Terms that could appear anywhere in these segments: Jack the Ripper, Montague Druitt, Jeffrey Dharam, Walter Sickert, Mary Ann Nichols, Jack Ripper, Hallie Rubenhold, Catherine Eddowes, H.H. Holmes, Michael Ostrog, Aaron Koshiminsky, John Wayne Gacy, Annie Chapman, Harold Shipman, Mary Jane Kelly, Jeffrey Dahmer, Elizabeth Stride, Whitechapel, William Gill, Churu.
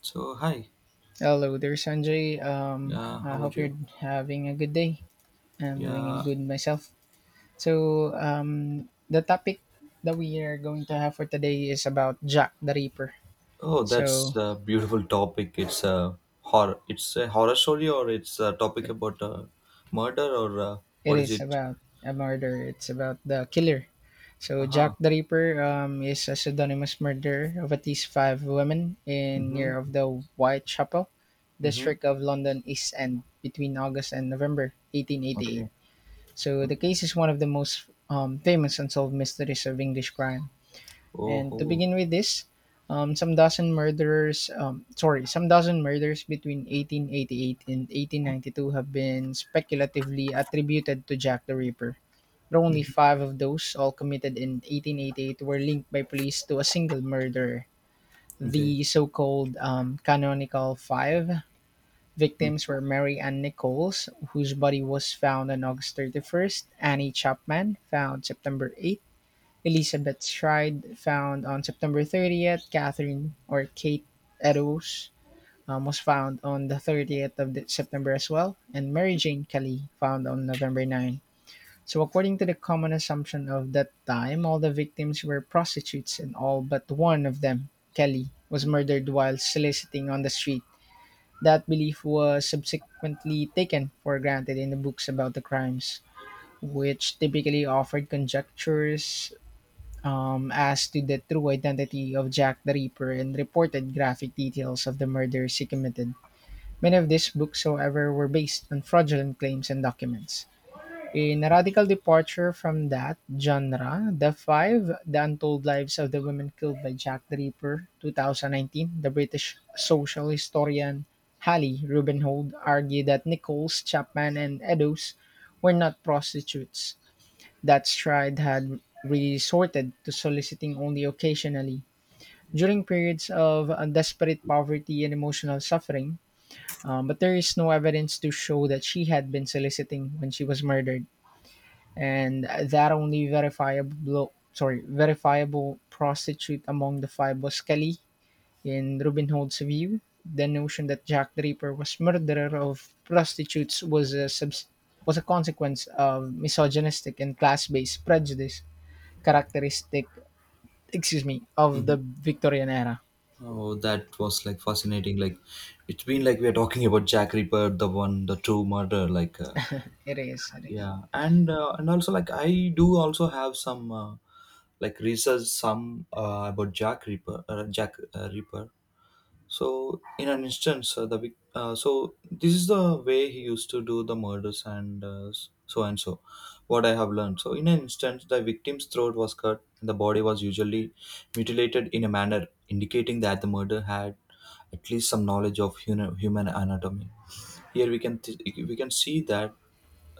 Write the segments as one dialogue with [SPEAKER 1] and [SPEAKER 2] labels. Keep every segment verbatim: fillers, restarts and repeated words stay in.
[SPEAKER 1] So hi,
[SPEAKER 2] Hello there, Sanjay. Um,
[SPEAKER 1] yeah,
[SPEAKER 2] I
[SPEAKER 1] how are
[SPEAKER 2] hope you're
[SPEAKER 1] you?
[SPEAKER 2] having a good day. I'm doing a
[SPEAKER 1] Yeah,
[SPEAKER 2] good myself. So, um, the topic that we are going to have for today is about Jack the Ripper.
[SPEAKER 1] oh, that's
[SPEAKER 2] So,
[SPEAKER 1] a beautiful topic. It's a horror. It's a horror story, or it's a topic
[SPEAKER 2] it,
[SPEAKER 1] about uh, murder, or uh,
[SPEAKER 2] it
[SPEAKER 1] what is
[SPEAKER 2] is
[SPEAKER 1] it?
[SPEAKER 2] about a murder, it's about the killer. So,
[SPEAKER 1] Uh
[SPEAKER 2] Jack
[SPEAKER 1] huh.
[SPEAKER 2] the Ripper um, is a pseudonymous murderer of at least five women in
[SPEAKER 1] Mhm.
[SPEAKER 2] near of the Whitechapel
[SPEAKER 1] Mhm.
[SPEAKER 2] district of London East End between August and November eighteen eighty-eight.
[SPEAKER 1] Okay.
[SPEAKER 2] So the
[SPEAKER 1] Okay.
[SPEAKER 2] case is one of the most um, famous unsolved mysteries of English crime.
[SPEAKER 1] Oh.
[SPEAKER 2] And to
[SPEAKER 1] oh.
[SPEAKER 2] begin with this, um, some dozen murderers, um, sorry, some dozen murders between eighteen eighty-eight and eighteen ninety-two have been speculatively attributed to Jack the Ripper. But only
[SPEAKER 1] Mhm.
[SPEAKER 2] five of those, all committed in eighteen eighty-eight, were linked by police to a single murderer.
[SPEAKER 1] Okay.
[SPEAKER 2] The so-called um, canonical five victims
[SPEAKER 1] Mm-hmm.
[SPEAKER 2] were Mary Ann Nichols, whose body was found on August thirty-first, Annie Chapman, found September eighth, Elizabeth Stride, found on September thirtieth, Catherine or Kate Eddowes um, was found on the thirtieth of the- September as well, and Mary Jane Kelly, found on November ninth. So, according to the common assumption of that time, all the victims were prostitutes, and all but one of them, Kelly, was murdered while soliciting on the street. That belief was subsequently taken for granted in the books about the crimes, which typically offered conjectures um, as to the true identity of Jack the Ripper and reported graphic details of the murders he committed. Many of these books, however, were based on fraudulent claims and documents. In a radical departure from that genre, the five The Untold Lives of the Women Killed by Jack the Ripper, twenty nineteen, the British social historian Hallie Rubenhold argued that Nichols, Chapman, and Eddowes were not prostitutes, that Stride had resorted to soliciting only occasionally during periods of uh, desperate poverty and emotional suffering, um, but there is no evidence to show that she had been soliciting when she was murdered, and that only verifiable sorry verifiable prostitute among the five was Kelly. In Robin Hood's view, the notion that Jack the Ripper was murderer of prostitutes was a subs- was a consequence of misogynistic and class-based prejudice characteristic, excuse me, of
[SPEAKER 1] Mm-hmm.
[SPEAKER 2] the Victorian era.
[SPEAKER 1] Oh, that was like fascinating. Like, it's been like we are talking about Jack Ripper, the one, the true murder. Like, uh,
[SPEAKER 2] It is, it is.
[SPEAKER 1] yeah, and uh, and also like I do also have some. Uh, like research some uh, about Jack Reaper, uh, Jack uh, Reaper. So in an instance, uh, the vic- uh, so this is the way he used to do the murders and uh, so and so. What I have learned. So in an instance, the victim's throat was cut and the body was usually mutilated in a manner indicating that the murder had at least some knowledge of human human anatomy. Here we can th- we can see that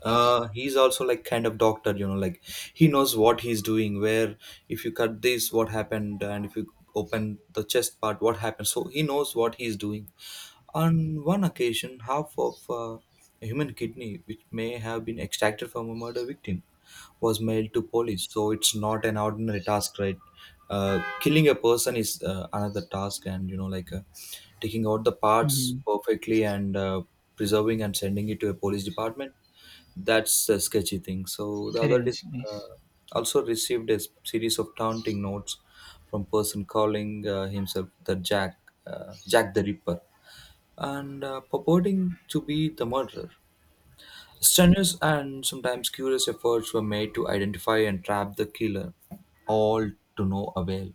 [SPEAKER 1] uh he's also like kind of doctor, you know like he knows what he's doing. Where, if you cut this, what happened, and if you open the chest part, what happened. So he knows what he's doing. On one occasion, half of uh, a human kidney, which may have been extracted from a murder victim, was mailed to police. So it's not an ordinary task, right? Uh, killing a person is uh, another task, and you know, like uh, taking out the parts
[SPEAKER 2] Mhm.
[SPEAKER 1] perfectly and uh, preserving and sending it to a police department. That's a sketchy thing. So the
[SPEAKER 2] It
[SPEAKER 1] other is
[SPEAKER 2] is, it
[SPEAKER 1] uh,
[SPEAKER 2] is.
[SPEAKER 1] also received a s- series of taunting notes from person calling uh, himself the Jack, uh, Jack the Ripper, and uh, purporting to be the murderer. Strenuous and sometimes curious efforts were made to identify and trap the killer, all to no avail.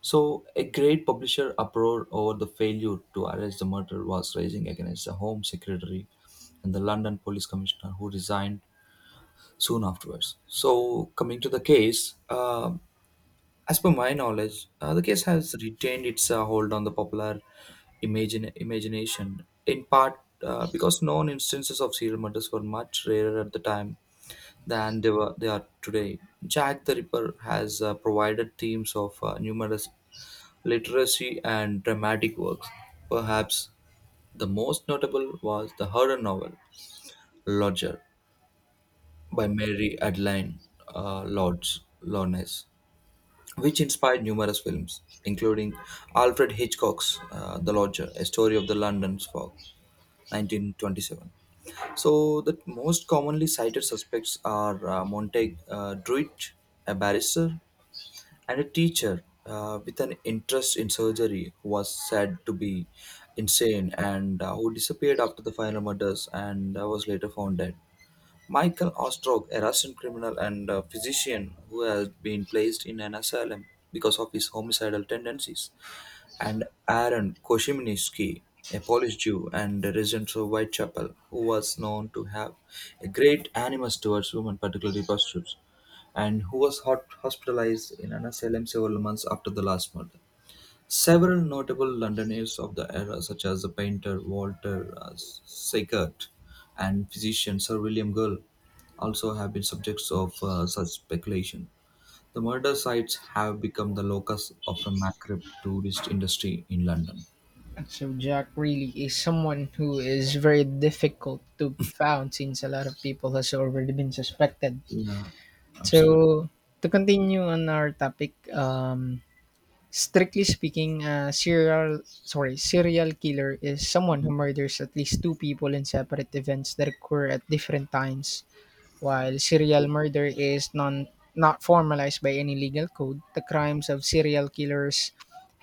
[SPEAKER 1] So, a great publisher uproar over the failure to arrest the murderer was raising against the Home Secretary and the London Police Commissioner, who resigned soon afterwards. So, coming to the case, um as per my knowledge, uh, the case has retained its uh, hold on the popular imagine, imagination, in part uh, because known instances of serial murders were much rarer at the time than they, were, they are today. Jack the Ripper has uh, provided themes of uh, numerous literacy and dramatic works. Perhaps the most notable was the horror novel Lodger by Mary Adeline uh, Lodge Lawrence, which inspired numerous films, including Alfred Hitchcock's uh, The Lodger, a story of the London fog. nineteen twenty-seven. So, the most commonly cited suspects are uh, Montague uh, Druitt, a barrister, and a teacher uh, with an interest in surgery who was said to be insane and uh, who disappeared after the final murders and uh, was later found dead. Michael Ostrog, a Russian criminal and uh physician who has been placed in an asylum because of his homicidal tendencies, and Aaron Koshiminsky, a Polish Jew and a resident of Whitechapel, who was known to have a great animus towards women, particularly prostitutes, and who was hot- hospitalized in an asylum several months after the last murder. Several notable Londoners of the era, such as the painter Walter uh, Sickert and physician Sir William Gill, also have been subjects of uh, such speculation. The murder sites have become the locus of a macabre tourist industry in London.
[SPEAKER 2] So Jack really is someone who is very difficult to found since a lot of people has already been suspected.
[SPEAKER 1] Yeah, absolutely.
[SPEAKER 2] So to continue on our topic, um, strictly speaking, uh, serial sorry serial killer is someone who
[SPEAKER 1] Mhm.
[SPEAKER 2] murders at least two people in separate events that occur at different times. While serial
[SPEAKER 1] Yeah.
[SPEAKER 2] murder is non, not formalized by any legal code, the crimes of serial killers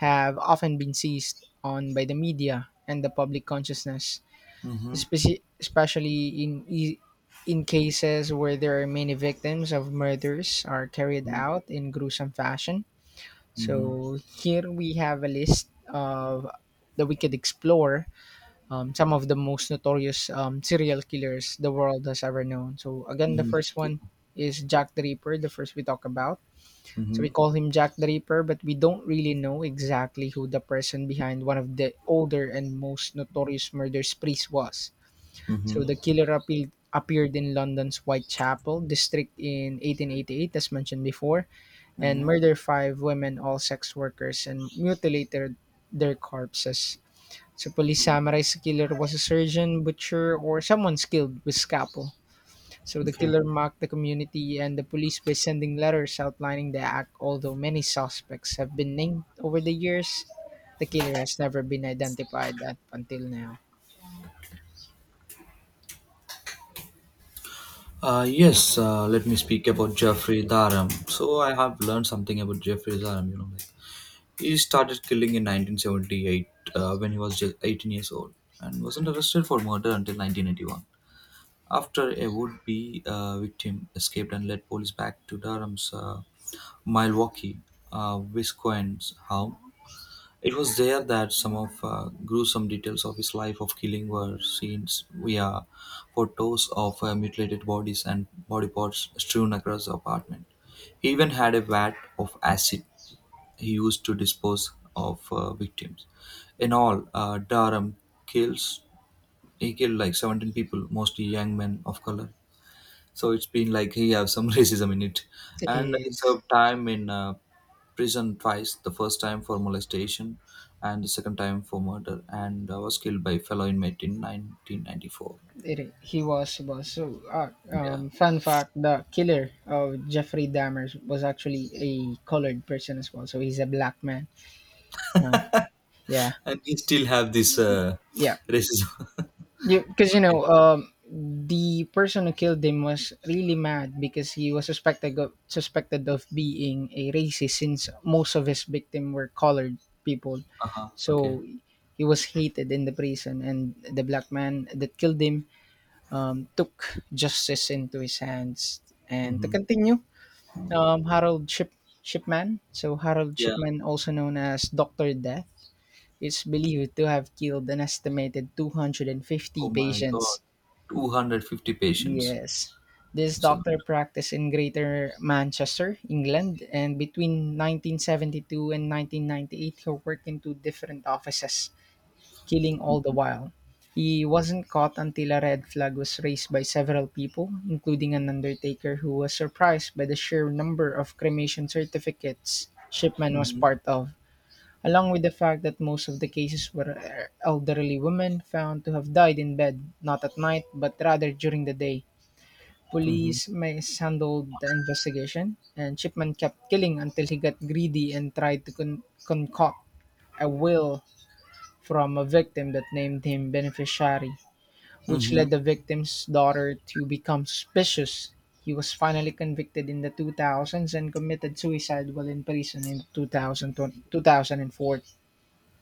[SPEAKER 2] have often been seized on by the media and the public consciousness,
[SPEAKER 1] Mm-hmm.
[SPEAKER 2] speci- especially in, e- in cases where there are many victims of murders are carried out in gruesome fashion. So here we have a list of The Wicked Explorer, um, some of the most notorious um, serial killers the world has ever known. So again, the
[SPEAKER 1] Mm-hmm.
[SPEAKER 2] first
[SPEAKER 1] Yeah.
[SPEAKER 2] one is Jack the Ripper, the first we talk about. So we
[SPEAKER 1] Mm-hmm.
[SPEAKER 2] call him Jack the Ripper, but we don't really know exactly who the person behind one of the older and most notorious murder sprees was. So
[SPEAKER 1] Mm-hmm.
[SPEAKER 2] the killer appealed appeared in London's Whitechapel district in eighteen eighty-eight, as mentioned before, and
[SPEAKER 1] Mm-hmm.
[SPEAKER 2] murdered five women, all sex workers, and mutilated their corpses. So police summarized the killer was a surgeon, butcher, or someone skilled with scalpel. So the
[SPEAKER 1] Okay.
[SPEAKER 2] killer mocked the community and the police by sending letters outlining the act. Although many suspects have been named over the years, the killer has never been identified up until now.
[SPEAKER 1] Uh, yes, uh, let me speak about Jeffrey Dharam. So I have learned something about Jeffrey Dharam. You know, like he started killing in nineteen seventy-eight uh, when he was just eighteen years old and wasn't arrested for murder until nineteen eighty-one. After a would-be uh, victim escaped and led police back to Durham's uh, Milwaukee, uh, Wisconsin home. It was there that some of uh, gruesome details of his life of killing were seen via photos of uh, mutilated bodies and body parts strewn across the apartment. He even had a vat of acid he used to dispose of uh, victims. In all, uh, Durham kills he killed like seventeen people, mostly young men of color, so it's been like he have some racism in it, and he
[SPEAKER 2] Yes,
[SPEAKER 1] served time in uh, prison twice. The first time for molestation, and the second time for murder, and uh, was killed by fellow inmate in nineteen ninety-four.
[SPEAKER 2] it, I- he was was so. Uh, um,
[SPEAKER 1] Yeah,
[SPEAKER 2] fun fact: the killer of Jeffrey Dahmer was actually a colored person as well. So he's a black man. Uh, yeah,
[SPEAKER 1] and he still have this uh,
[SPEAKER 2] yeah.
[SPEAKER 1] racism.
[SPEAKER 2] Because you
[SPEAKER 1] okay.
[SPEAKER 2] know, um, the person who killed him was really mad because he was suspected of, suspected of being a racist since most of his victims were colored people.
[SPEAKER 1] Uh huh. Okay.
[SPEAKER 2] So he was hated in the prison, and the black man that killed him um, took justice into his hands. And to
[SPEAKER 1] Mm-hmm.
[SPEAKER 2] continue, um, Harold Ship, Shipman, so Harold
[SPEAKER 1] Yeah.
[SPEAKER 2] Shipman, also known as Doctor Death, is believed to have killed an estimated two hundred fifty
[SPEAKER 1] Oh my God.
[SPEAKER 2] patients.
[SPEAKER 1] Two hundred fifty patients.
[SPEAKER 2] Yes. This
[SPEAKER 1] It's a lot.
[SPEAKER 2] doctor practiced in Greater Manchester, England, and between nineteen seventy-two and nineteen ninety-eight, he worked in two different offices, killing all the while. He wasn't caught until a red flag was raised by several people, including an undertaker who was surprised by the sheer number of cremation certificates Shipman was
[SPEAKER 1] Mm-hmm.
[SPEAKER 2] part of, along with the fact that most of the cases were elderly women found to have died in bed, not at night, but rather during the day.
[SPEAKER 1] Mm-hmm.
[SPEAKER 2] Police mishandled the investigation, and Shipman kept killing until he got greedy and tried to con- concoct a will from a victim that named him beneficiary, which
[SPEAKER 1] Mm-hmm.
[SPEAKER 2] led the victim's daughter to become suspicious. He was finally convicted in the two thousands and committed suicide while in prison in twenty twenty two thousand four.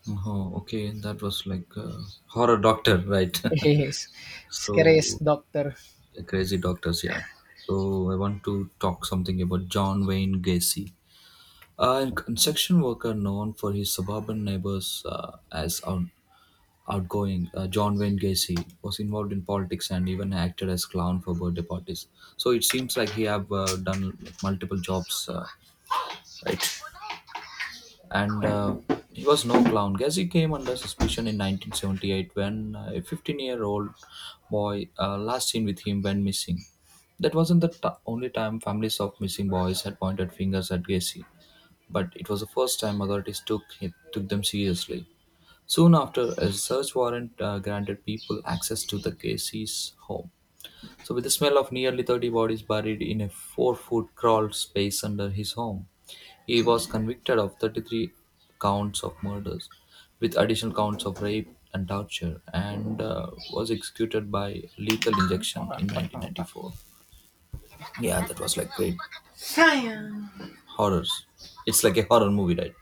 [SPEAKER 1] Oh, okay. That was like a horror doctor, right?
[SPEAKER 2] Yes. Scares,
[SPEAKER 1] so
[SPEAKER 2] doctor.
[SPEAKER 1] Crazy Doctors, yeah. So I want to talk something about John Wayne Gacy, a construction worker known for his suburban neighbors uh, as out- outgoing. Uh, John Wayne Gacy was involved in politics and even acted as clown for birthday parties. So it seems like he have uh, done like multiple jobs, uh, right? And uh, he was no clown. Ghazi came under suspicion in nineteen seventy-eight when uh, a fifteen-year-old boy uh, last seen with him went missing. That wasn't the t- only time families of missing boys had pointed fingers at Gacy, but it was the first time authorities took it, took them seriously. Soon after, a search warrant uh, granted people access to the Gacy's home. So, with the smell of nearly thirty bodies buried in a four foot crawl space under his home, he was convicted of thirty-three counts of murders, with additional counts of rape and torture, and uh, was executed by lethal injection in nineteen ninety-four. Yeah, that was like great horrors. It's like a horror movie, right?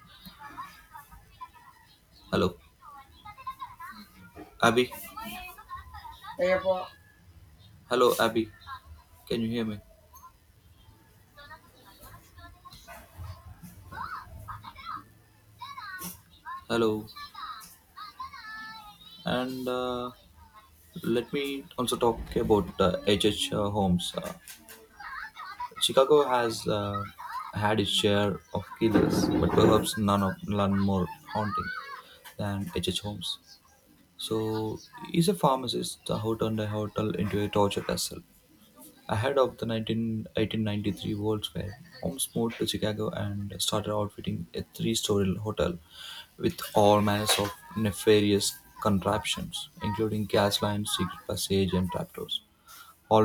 [SPEAKER 1] Hello, Abby. Hello, Abby. Can you hear me? Hello. And uh, let me also talk about uh, H H. Uh, H H. Holmes. Uh, Chicago has uh, had its share of killers, but perhaps none of none more haunting than H. H. Holmes. So he's a pharmacist who turned a hotel into a torture castle. Ahead of the one nine one eight nine three World's Fair, Holmes moved to Chicago and started outfitting a three-story hotel with all manners of nefarious contraptions, including gas lines, secret passage, and trapdoors. Always